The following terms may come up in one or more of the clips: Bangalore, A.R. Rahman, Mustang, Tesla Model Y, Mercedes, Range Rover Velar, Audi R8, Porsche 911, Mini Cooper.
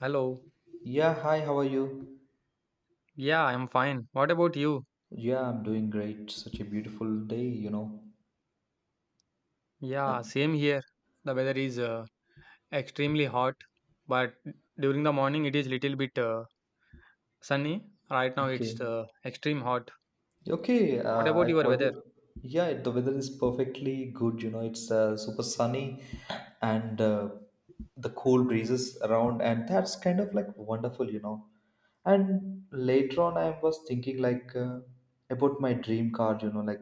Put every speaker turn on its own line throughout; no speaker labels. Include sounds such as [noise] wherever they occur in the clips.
Hello.
Yeah, hi, how are you?
Yeah, I'm fine. What about you?
Yeah, I'm doing great. Such a beautiful day, you know.
Yeah, same here. The weather is extremely hot, but during the morning it is little bit sunny. Right now
Okay.
it's extreme hot.
Okay,
What
I
about your weather?
forgot. Yeah, the weather is perfectly good, you know. It's super sunny and the cool breezes around, and that's kind of like wonderful, you know. And later on, I was thinking like about my dream car, you know, like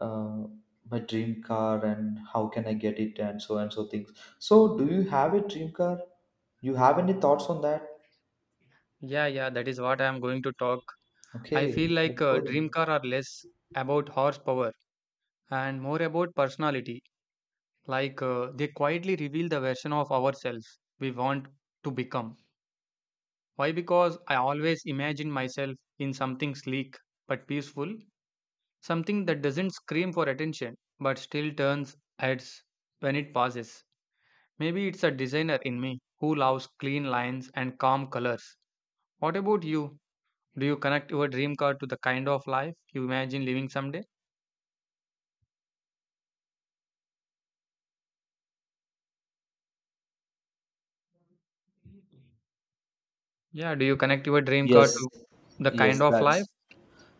uh, my dream car and how can I get it and so things. So, do you have a dream car? You have any thoughts on that?
Yeah, yeah, that is what I am going to talk. I
Okay,
feel like
that's
dream
good.
car are less about horsepower and more about personality. Like they quietly reveal the version of ourselves we want to become. Why? Because I always imagine myself in something sleek but peaceful. Something that doesn't scream for attention but still turns heads when it passes. Maybe it's a designer in me who loves clean lines and calm colors. What about you? Do you connect your dream car to the kind of life you imagine living someday? Yeah, do you connect your dream car
Yes,
to the kind
yes,
of life?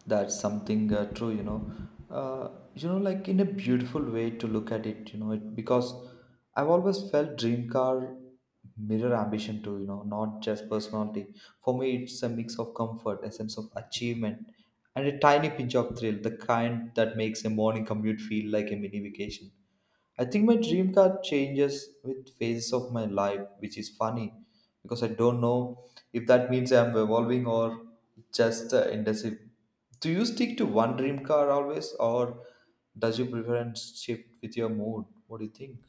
that's something true, you know. You know, like in a beautiful way to look at it, you know, it, because I've always felt dream car mirror ambition too, you know, not just personality. For me, it's a mix of comfort, a sense of achievement, and a tiny pinch of thrill, the kind that makes a morning commute feel like a mini vacation. I think my dream car changes with phases of my life, which is funny because I don't know if that means I'm evolving or just indecisive. Do you stick to one dream car always, or does your preference shift with your mood? What do you think?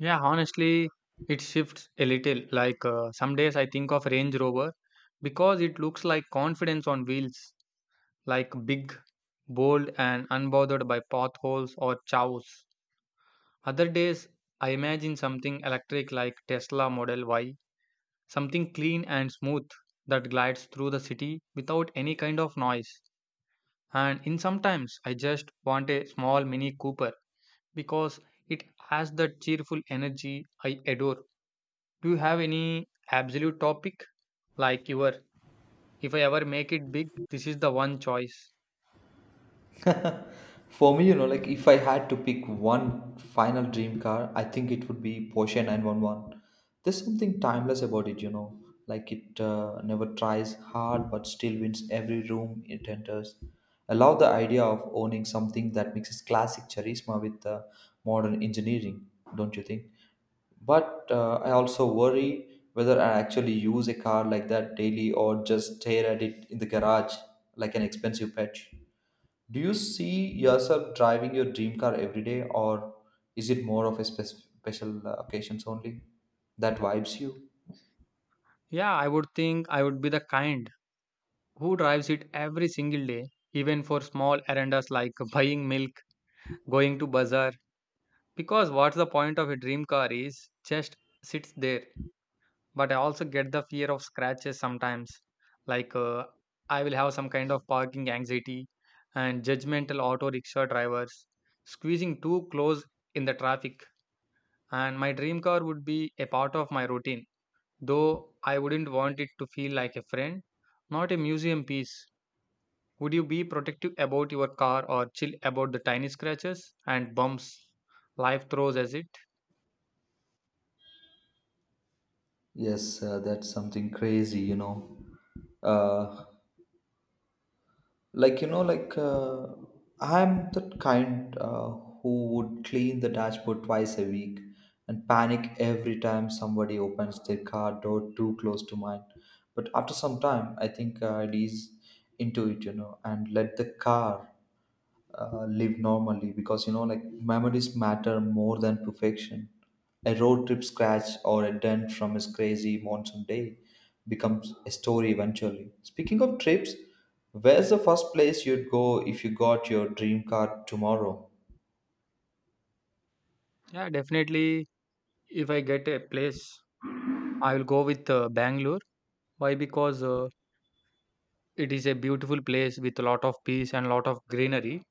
Yeah, honestly, it shifts a little. Like some days I think of Range Rover because it looks like confidence on wheels, like big, bold, and unbothered by potholes or chows. Other days, I imagine something electric like Tesla Model Y, something clean and smooth that glides through the city without any kind of noise. And in sometimes I just want a small Mini Cooper because it has that cheerful energy I adore. Do you have any absolute topic like your if I ever make it big, this is the one choice?
[laughs] For me, you know, like if I had to pick one final dream car, I think it would be Porsche 911. There's something timeless about it, you know, like it never tries hard but still wins every room it enters. I love the idea of owning something that mixes classic charisma with modern engineering, don't you think? But I also worry whether I actually use a car like that daily or just stare at it in the garage like an expensive pet. Do you see yourself driving your dream car every day, or is it more of a special occasions only that vibes you?
Yeah, I would think I would be the kind who drives it every single day, even for small errands like [laughs] buying milk, going to bazaar, because what's the point of a dream car is just sits there. But I also get the fear of scratches sometimes, like I will have some kind of parking anxiety and judgmental auto rickshaw drivers squeezing too close in the traffic. And my dream car would be a part of my routine, though I wouldn't want it to feel like a friend, not a museum piece. Would you be protective about your car or chill about the tiny scratches and bumps life throws at it?
Yes, that's something crazy, you know. Uh, like you know, like I'm the kind who would clean the dashboard 2 times a week and panic every time somebody opens their car door too close to mine. But after some time, I think I'd ease into it, you know, and let the car live normally, because you know like memories matter more than perfection. A road trip scratch or a dent from a crazy monsoon day becomes a story eventually. Speaking of trips, where's the first place you'd go if you got your dream car tomorrow?
Yeah, definitely. If I get a place, I will go with Bangalore. Why? Because it is a beautiful place with a lot of peace and lot of greenery.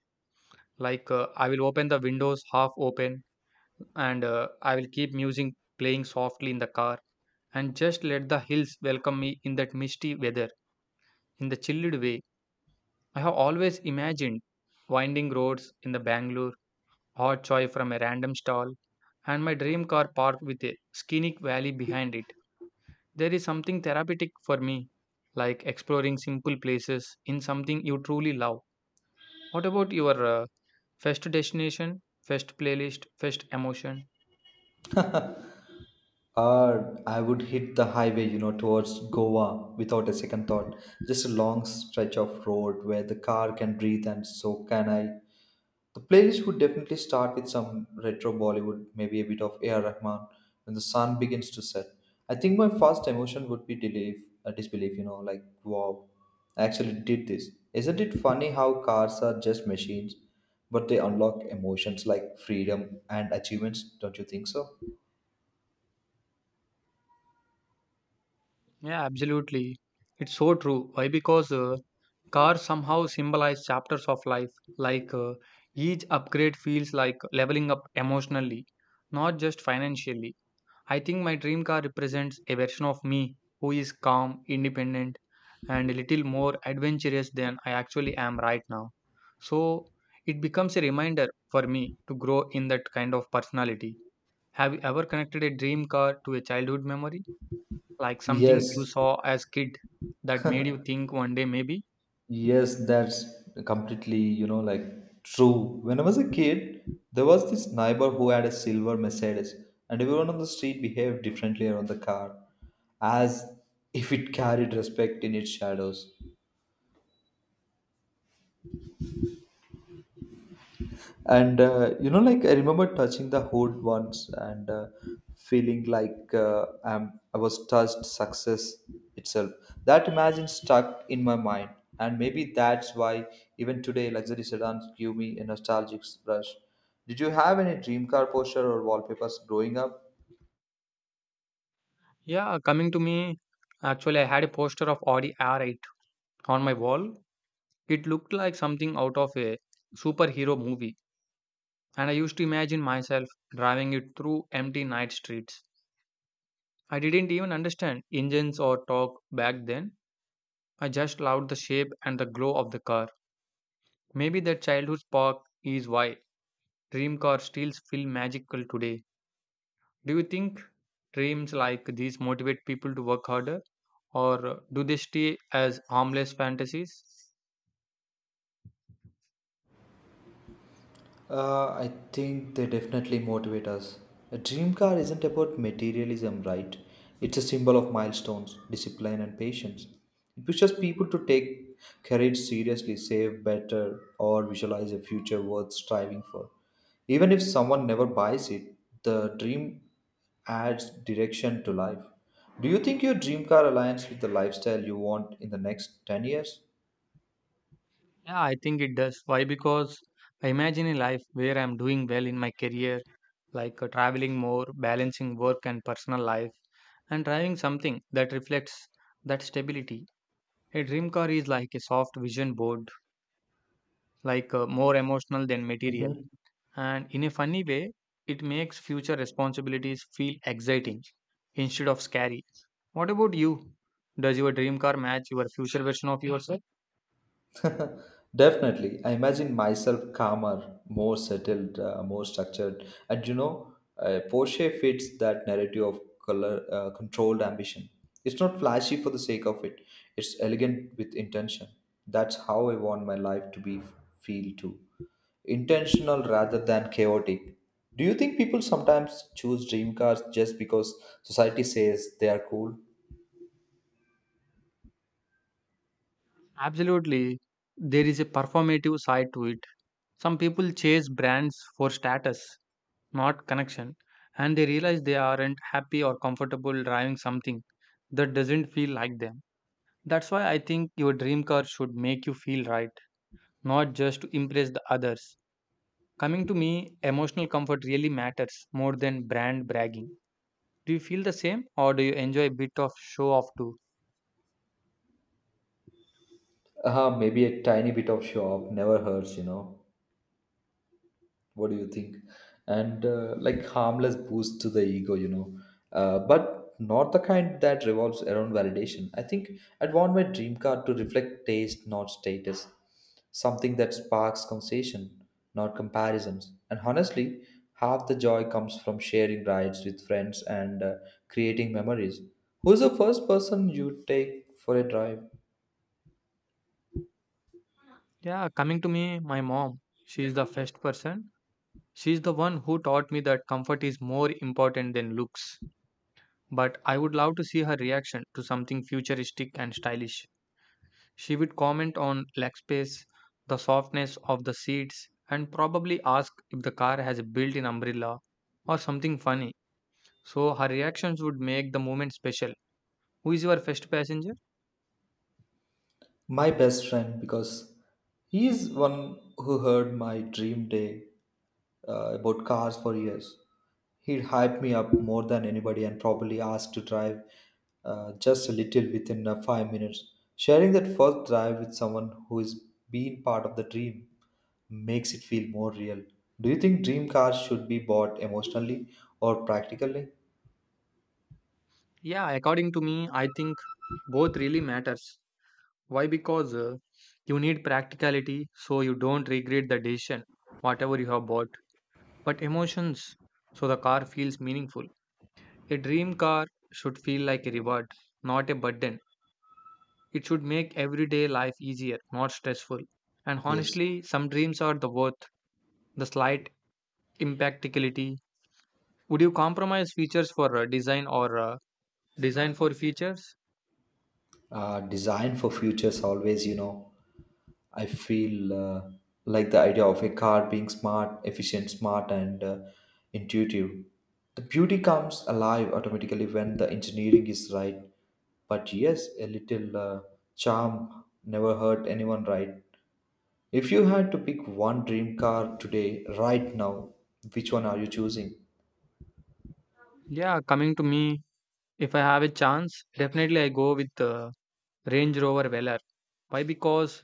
Like I will open the windows half open, and I will keep music playing softly in the car, and just let the hills welcome me in that misty weather, in the chilled way. I have always imagined winding roads in the Bangalore, hot choy from a random stall, and my dream car parked with a scenic valley behind it. There is something therapeutic for me, like exploring simple places in something you truly love. What about your first destination, first playlist, first emotion?
I would hit the highway, you know, towards Goa without a second thought, just a long stretch of road where the car can breathe and so can I. The playlist would definitely start with some retro Bollywood, maybe a bit of A.R. Rahman when the sun begins to set. I think my first emotion would be disbelief, disbelief, you know, like, wow, I actually did this. Isn't it funny how cars are just machines, but they unlock emotions like freedom and achievements? Don't you think so?
Yeah, absolutely. It's so true. Why? Because cars somehow symbolize chapters of life. Like each upgrade feels like leveling up emotionally, not just financially. I think my dream car represents a version of me who is calm, independent, and a little more adventurous than I actually am right now. So it becomes a reminder for me to grow in that kind of personality. Have you ever connected a dream car to a childhood memory, like something you
Yes,
saw as kid that made you think one day maybe?
Yes, that's completely, you know, like true. When I was a kid, there was this neighbor who had a silver Mercedes, and everyone on the street behaved differently around the car, as if it carried respect in its shadows. And you know, like I remember touching the hood once and feeling like I was touched success itself. That imagine stuck in my mind, and maybe that's why even today luxury sedans give me a nostalgic rush. Did you have any dream car poster or wallpapers growing up?
Yeah, coming to me, actually I had a poster of Audi R8 on my wall. It looked like something out of a superhero movie, and I used to imagine myself driving it through empty night streets. I didn't even understand engines or torque back then. I just loved the shape and the glow of the car. Maybe that childhood spark is why dream cars still feel magical today. Do you think dreams like these motivate people to work harder or do they stay as harmless fantasies?
I think they definitely motivate us. A dream car isn't about materialism, right? It's a symbol of milestones, discipline, and patience. It pushes people to take courage seriously, save better, or visualize a future worth striving for. Even if someone never buys it, the dream adds direction to life. Do you think your dream car aligns with the lifestyle you want in the next 10 years?
Yeah, I think it does. Why? Because I imagine a life where I'm doing well in my career, like traveling more, balancing work and personal life, and driving something that reflects that stability. A dream car is like a soft vision board, like more emotional than material. And in a funny way, it makes future responsibilities feel exciting instead of scary. What about you? Does your dream car match your future version of yourself?
Definitely. I imagine myself calmer, more settled, more structured. And you know, Porsche fits that narrative of color, controlled ambition. It's not flashy for the sake of it, it's elegant with intention. That's how I want my life to be feel too. Intentional rather than chaotic. Do you think people sometimes choose dream cars just because society says they are cool?
Absolutely. There is a performative side to it. Some people chase brands for status, not connection, and they realize they aren't happy or comfortable driving something that doesn't feel like them. That's why I think your dream car should make you feel right, not just to impress the others. Coming to me, emotional comfort really matters more than brand bragging. Do you feel the same or do you enjoy a bit of show off too?
Maybe a tiny bit of show off never hurts, you know. What do you think? And like harmless boost to the ego, you know, but not the kind that revolves around validation. I think I'd want my dream car to reflect taste, not status, something that sparks conversation, not comparisons. And honestly, half the joy comes from sharing rides with friends and creating memories. Who's the first person you take for a drive?
Yeah, coming to me, my mom, she is the first person. She is the one who taught me that comfort is more important than looks. But I would love to see her reaction to something futuristic and stylish. She would comment on leg space, the softness of the seats, and probably ask if the car has a built in umbrella or something funny. So her reactions would make the moment special. Who is your first passenger?
My best friend, because he is one who heard my dream day about cars for years. He hyped me up more than anybody and probably asked to drive just a little within 5 minutes. Sharing that first drive with someone who is been part of the dream makes it feel more real. Do you think dream cars should be bought emotionally or practically?
Yeah, according to me, I think both really matters. Why? Because you need practicality so you don't regret the decision, whatever you have bought. But emotions, so the car feels meaningful. A dream car should feel like a reward, not a burden. It should make everyday life easier, not stressful. And
Yes.
honestly, some dreams are the worth the slight impracticality. Would you compromise features for design or design for features?
Design for futures always, you know. I feel like the idea of a car being smart efficient smart and intuitive, the beauty comes alive automatically when the engineering is right. But yes, a little charm never hurt anyone, right? If you had to pick one dream car today right now, which one are you choosing?
Yeah, coming to me, if I have a chance, definitely I go with the Range Rover Velar. Why? Because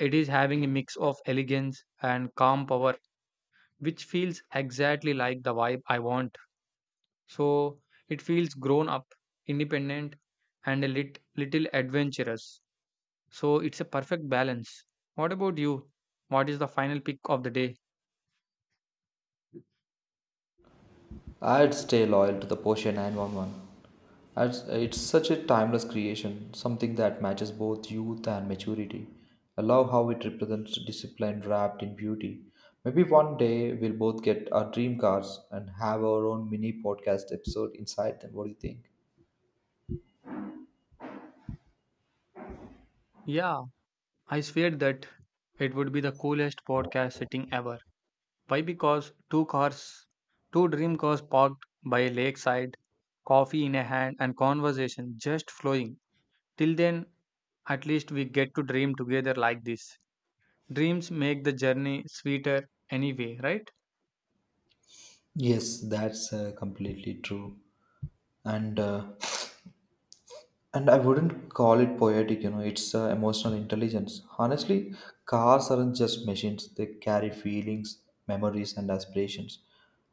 it is having a mix of elegance and calm power, which feels exactly like the vibe I want. So it feels grown up, independent, and a little adventurous. So it's a perfect balance. What about you? What is the final pick of the day?
I'd stay loyal to the Porsche 911. It's such a timeless creation, something that matches both youth and maturity. I love how it represents discipline wrapped in beauty. Maybe one day we'll both get our dream cars and have our own mini podcast episode inside them. What do you think?
Yeah, I swear that it would be the coolest podcast setting ever. Why? Because two cars, two dream cars parked by a lakeside, coffee in a hand, and conversation just flowing. Till then, at least we get to dream together like this. Dreams make the journey sweeter anyway, right?
Yes, that's completely true. And uh, And I wouldn't call it poetic, you know, it's emotional intelligence. Honestly, cars aren't just machines, they carry feelings, memories, and aspirations.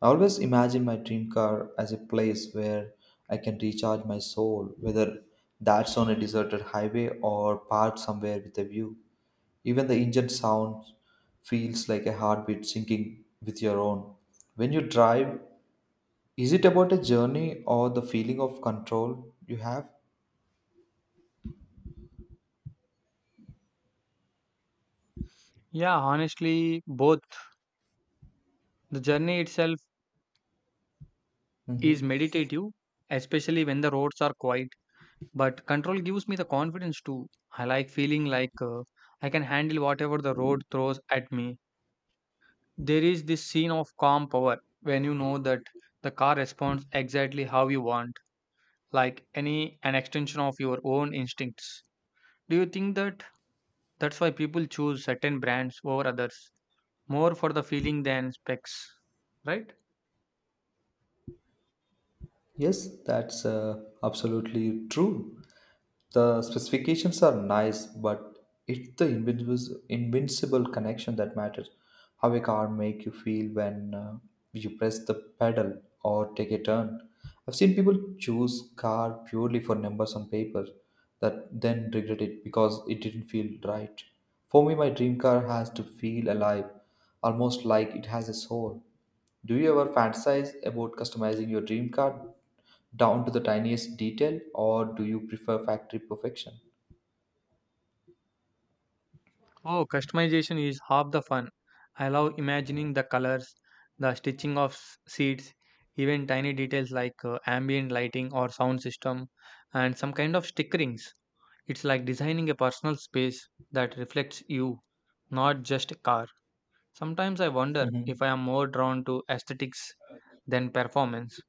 I always imagine my dream car as a place where I can recharge my soul, whether that's on a deserted highway or parked somewhere with a view. Even the engine sound feels like a heartbeat syncing with your own. When you drive, is it about a journey or the feeling of control you have?
Yeah, honestly, both. The journey itself is
Hmm.
meditative, especially when the roads are quiet. But control gives me the confidence too. I like feeling like I can handle whatever the road throws at me. There is this scene of calm power when you know that the car responds exactly how you want, like any an extension of your own instincts. Do you think that that's why people choose certain brands over others, more for the feeling than specs, right?
Yes, that's absolutely true. The specifications are nice, but it's the invincible connection that matters. How a car make you feel when you press the pedal or take a turn. I've seen people choose car purely for numbers on paper, that then regret it because it didn't feel right. For me, my dream car has to feel alive, almost like it has a soul. Do you ever fantasize about customizing your dream car down to the tiniest detail, or do you prefer factory perfection? [laughs]
Oh, customization is half the fun. I love imagining the colors, the stitching of seats, even tiny details like ambient lighting or sound system, and some kind of stickerings. It's like designing a personal space that reflects you, not just a car. Sometimes I wonder if I
Mhm.
am more drawn to aesthetics than performance,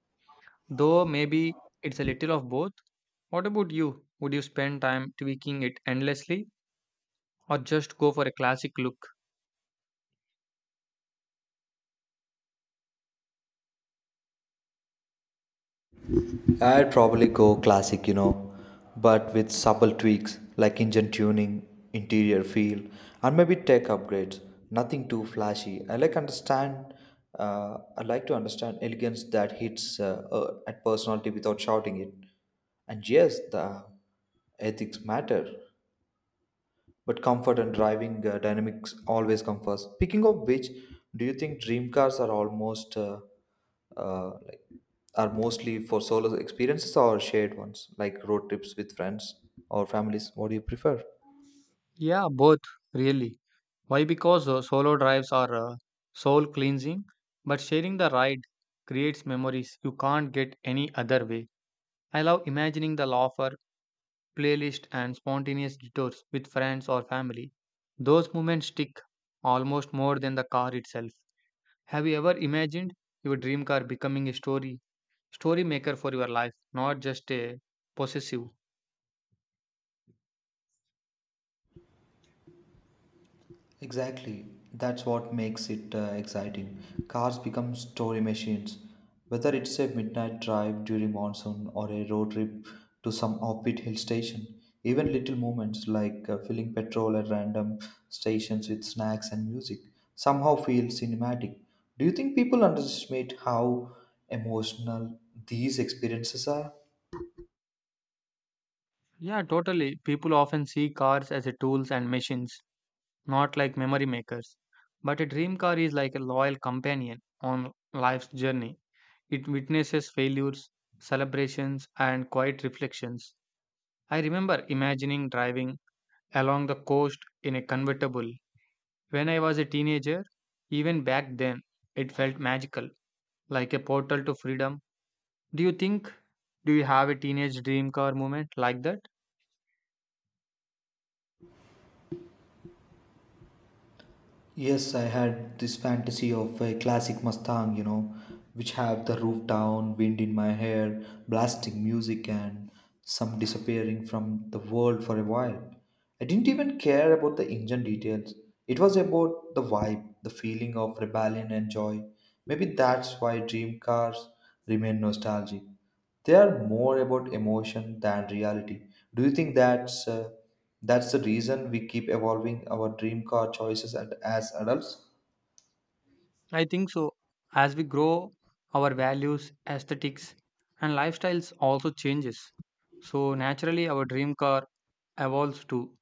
though maybe it's a little of both. What about you? Would you spend time tweaking it endlessly or just go for a classic look?
I'd probably go classic, you know, but with subtle tweaks like engine tuning, interior feel, and maybe tech upgrades. Nothing too flashy. I like to understand elegance that hits at personality without shouting it. And yes, the ethics matter, but comfort and driving dynamics always come first. Speaking of which, do you think dream cars are almost like are mostly for solo experiences or shared ones, like road trips with friends or families? What do you prefer?
Yeah, both really. Why? Because solo drives are soul cleansing, but sharing the ride creates memories you can't get any other way. I love imagining the laughter, playlist, and spontaneous detours with friends or family. Those moments stick almost more than the car itself. Have you ever imagined your dream car becoming a story, story maker for your life, not just a possessive?
Exactly. That's what makes it exciting. Cars become story machines. Whether it's a midnight drive during monsoon or a road trip to some offbeat hill station, even little moments like filling petrol at random stations with snacks and music somehow feel cinematic. Do you think people underestimate how emotional these experiences are?
Yeah, totally. People often see cars as a tools and machines, not like memory makers. But a dream car is like a loyal companion on life's journey. It witnesses failures, celebrations, and quiet reflections. I remember imagining driving along the coast in a convertible. When I was a teenager, even back then, it felt magical, like a portal to freedom. Do you think, do you have a teenage dream car moment like that?
Yes, I had this fantasy of a classic Mustang, you know, which have the roof down, wind in my hair, blasting music, and some disappearing from the world for a while. I didn't even care about the engine details. It was about the vibe, the feeling of rebellion and joy. Maybe that's why dream cars remain nostalgic. They are more about emotion than reality. Do you think that's that's the reason we keep evolving our dream car choices at, as adults?
I think so. As we grow, our values, aesthetics, and lifestyles also changes. So naturally, our dream car evolves too.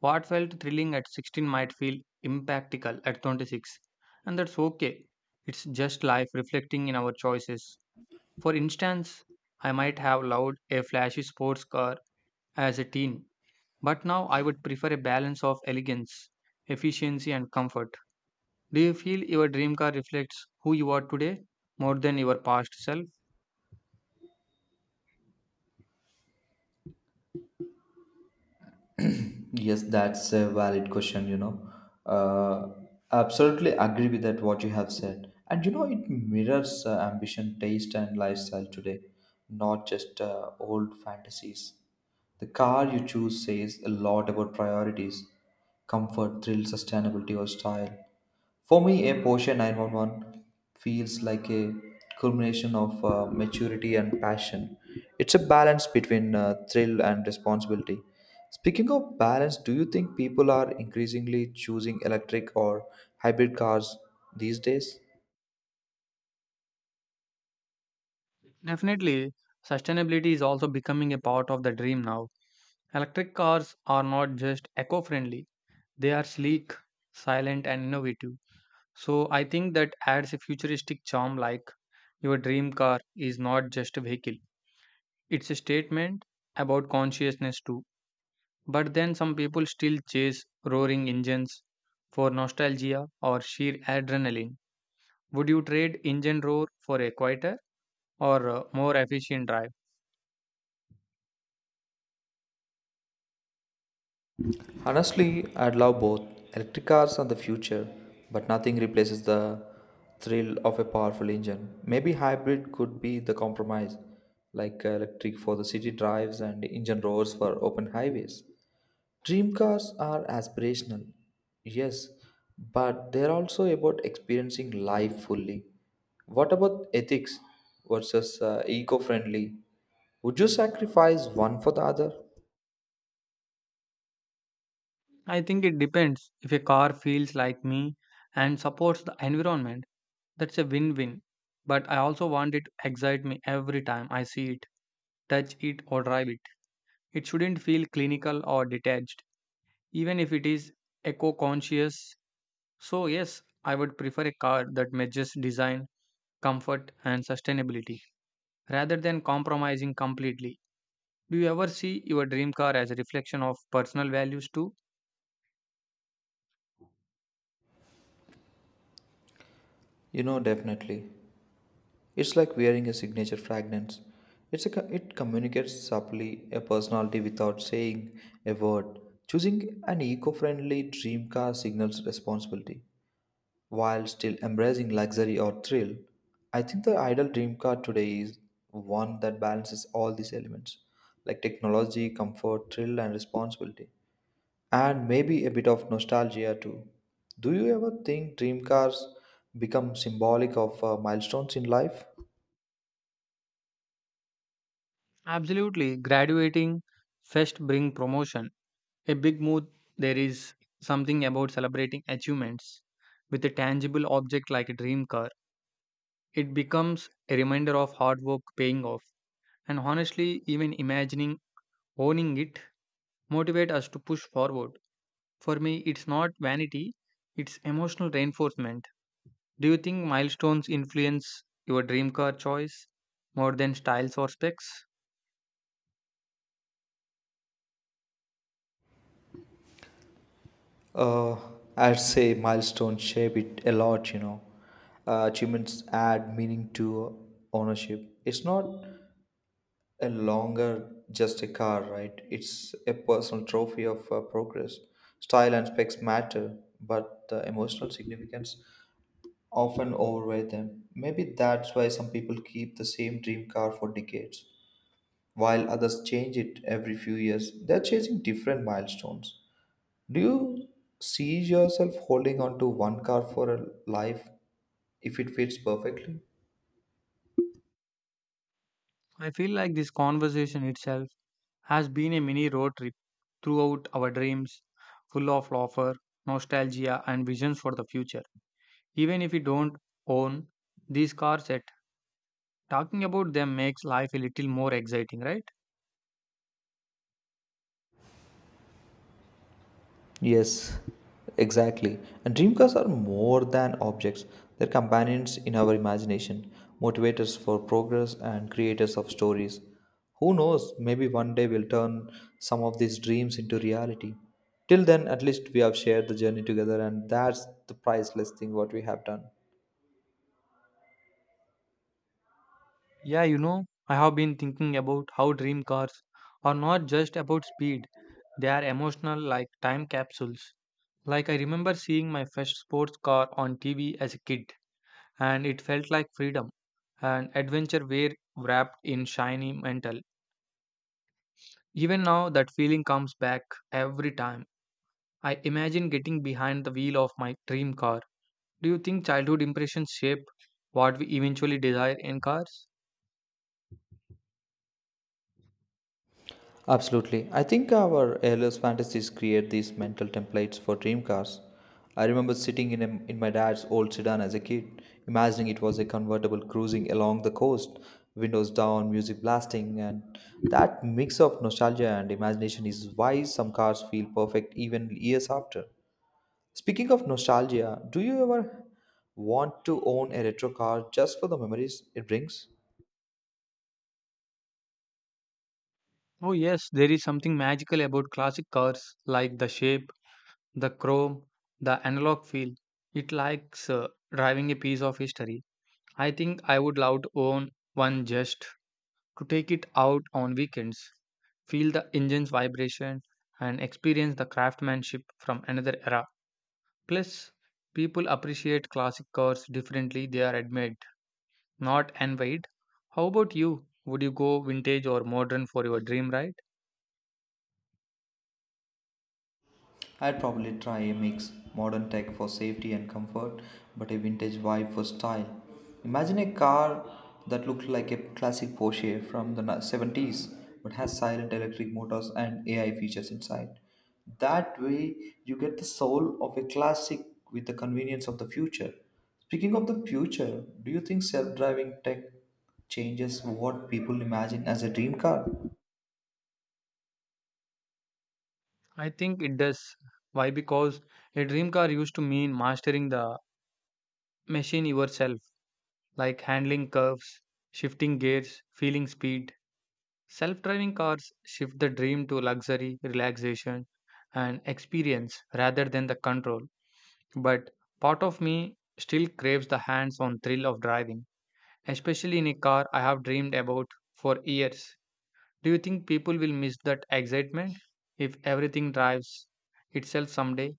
What felt thrilling at 16 might feel impractical at 26, and that's okay. It's just life reflecting in our choices. For instance, I might have loved a flashy sports car as a teen, but now I would prefer a balance of elegance, efficiency, and comfort. Do you feel your dream car reflects who you are today more than your past self?
Yes, that's a valid question, you know. Uh, Absolutely agree with that, what you have said. And you know, it mirrors ambition, taste, and lifestyle today, not just old fantasies. The car you choose says a lot about priorities, comfort, thrill, sustainability, or style. For me, a Porsche 911 feels like a culmination of maturity and passion. It's a balance between thrill and responsibility. Speaking of balance, do you think people are increasingly choosing electric or hybrid cars these days?
Definitely, sustainability is also becoming a part of the dream now. Electric cars are not just eco friendly, they are sleek, silent, and innovative. So, I think that adds a futuristic charm, like your dream car is not just a vehicle, it's a statement about consciousness too. But then some people still chase roaring engines for nostalgia or sheer adrenaline. Would you trade engine roar for a quieter or more efficient drive?
Honestly, I'd love both. Electric cars are the future, but nothing replaces the thrill of a powerful engine. Maybe hybrid could be the compromise, like electric for the city drives and engine roars for open highways. Dream cars are aspirational, yes, but they're also about experiencing life fully. What about ethics versus eco friendly? Would you sacrifice one for the other?
I think it depends. If a car feels like me and supports the environment, that's a win win. But I also want it to excite me every time I see it, touch it, or drive it. It shouldn't feel clinical or detached, even if it is eco conscious. So, yes, I would prefer a car that matches design, comfort, and sustainability rather than compromising completely. Do you ever see your dream car as a reflection of personal values too?
You know, definitely. It's like wearing a signature fragrance. It communicates subtly a personality without saying a word. Choosing an eco-friendly dream car signals responsibility, while still embracing luxury or thrill. I think the ideal dream car today is one that balances all these elements, like technology, comfort, thrill, and responsibility, and maybe a bit of nostalgia too. Do you ever think dream cars become symbolic of milestones in life?
Absolutely. Graduating first bring promotion. A big mood there is something about celebrating achievements with a tangible object like a dream car. It becomes a reminder of hard work paying off. And honestly, even imagining owning it motivate us to push forward. For me, it's not vanity, it's emotional reinforcement. Do you think milestones influence your dream car choice more than styles or specs?
Uh, I'd say milestones shape it a lot, you know. Achievements add meaning to ownership. It's not a longer just a car, right? It's a personal trophy of progress. Style and specs matter, but the emotional significance often outweigh them. Maybe that's why some people keep the same dream car for decades, while others change it every few years. They're chasing different milestones. Do you see yourself holding on to one car for a life if it fits perfectly?
I feel like this conversation itself has been a mini road trip throughout our dreams, full of offer, nostalgia, and visions for the future. Even if we don't own these cars yet, talking about them makes life a little more exciting, right?
Yes, exactly. And dream cars are more than objects, they're companions in our imagination, motivators for progress, and creators of stories. Who knows, maybe one day we'll turn some of these dreams into reality. Till then, at least we have shared the journey together, and that's the priceless thing what we have done.
Yeah, you know, I have been thinking about how dream cars are not just about speed, they are emotional like time capsules. Like I remember seeing my first sports car on TV as a kid, and it felt like freedom and adventure were wrapped in shiny metal. Even now, that feeling comes back every time. I imagine getting behind the wheel of my dream car. Do you think childhood impressions shape what we eventually desire in cars?
Absolutely. I think our ALS fantasies create these mental templates for dream cars. I remember sitting in my dad's old sedan as a kid, imagining it was a convertible cruising along the coast, windows down, music blasting, and that mix of nostalgia and imagination is why some cars feel perfect even years after. Speaking of nostalgia, do you ever want to own a retro car just for the memories it brings?
Oh, yes, there is something magical about classic cars like the shape, the chrome, the analog feel. It likes driving a piece of history. I think I would love to own one just to take it out on weekends, feel the engine's vibration, and experience the craftsmanship from another era. Plus, people appreciate classic cars differently, they are admired, not envied. How about you? Would you go vintage or modern for your dream ride?
I'd probably try a mix modern tech for safety and comfort, but a vintage vibe for style. Imagine a car that looked like a classic Porsche from the 70s but has silent electric motors and AI features inside. That way, you get the soul of a classic with the convenience of the future. Speaking of the future, do you think self driving tech changes what people imagine as a dream car?
I think it does. Why? Because a dream car used to mean mastering the machine yourself, like handling curves, shifting gears, feeling speed. Self driving cars shift the dream to luxury, relaxation, and experience rather than the control. But part of me still craves the hands on thrill of driving, especially in a car I have dreamed about for years. Do you think people will miss that excitement if everything drives itself someday?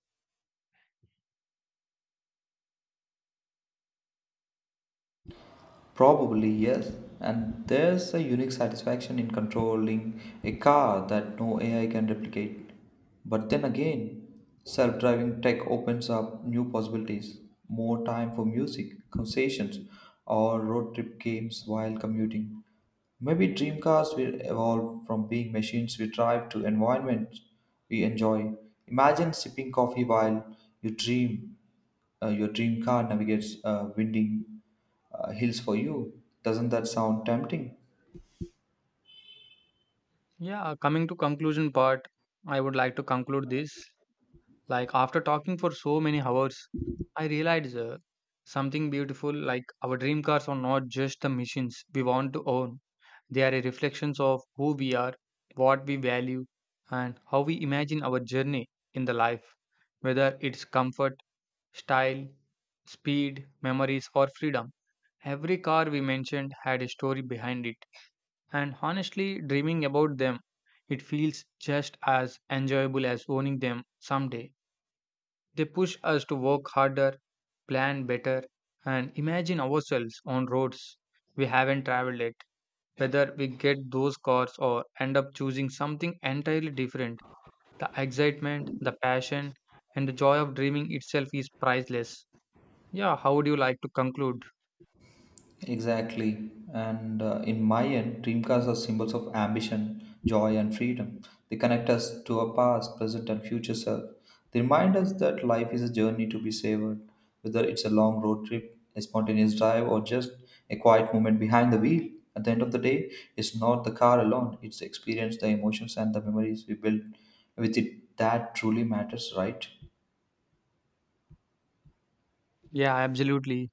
Probably, yes. And there's a unique satisfaction in controlling a car that no AI can replicate. But then again, self driving tech opens up new possibilities more time for music, conversations, or road trip games while commuting. Maybe dream cars will evolve from being machines we drive to environments we enjoy. Imagine sipping coffee while you dream your dream car navigates winding hills for you. Doesn't that sound tempting?
Yeah, coming to conclusion part, I would like to conclude this. Like after talking for so many hours, I realized something beautiful like our dream cars are not just the machines we want to own. They are a reflections of who we are, what we value, and how we imagine our journey in the life, whether it's comfort, style, speed, memories, or freedom. Every car we mentioned had a story behind it, and honestly, dreaming about them, it feels just as enjoyable as owning them someday. They push us to work harder, plan better, and imagine ourselves on roads we haven't traveled yet. Whether we get those cars or end up choosing something entirely different, the excitement, the passion, and the joy of dreaming itself is priceless. Yeah, how would you like to conclude?
Exactly. And in my end, dreamcars are symbols of ambition, joy, and freedom. They connect us to our past, present, and future self. They remind us that life is a journey to be savored, whether it's a long road trip, a spontaneous drive, or just a quiet moment behind the wheel. At the end of the day, it's not the car alone, it's the experience, the emotions, and the memories we build with it that truly matters, right?
Yeah, absolutely.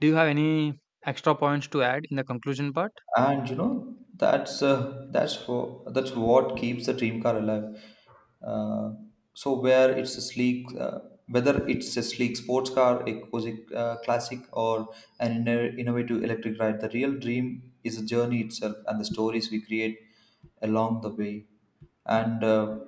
Do you have any extra points to add in the conclusion part?
And you know that's what keeps the dream car alive. Uh, so where it's a sleek Whether it's a sleek sports car, a cozy classic, or an innovative electric ride, the real dream is a journey itself and the stories we create along the way. And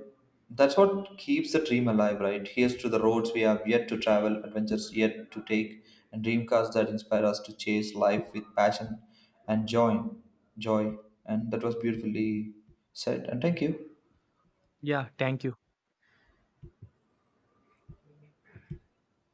that's what keeps the dream alive, right? Here's to the roads we have yet to travel, adventures yet to take, and dream cars that inspire us to chase life with passion and joy. Joy. And that was beautifully said. And thank you.
Yeah, thank you.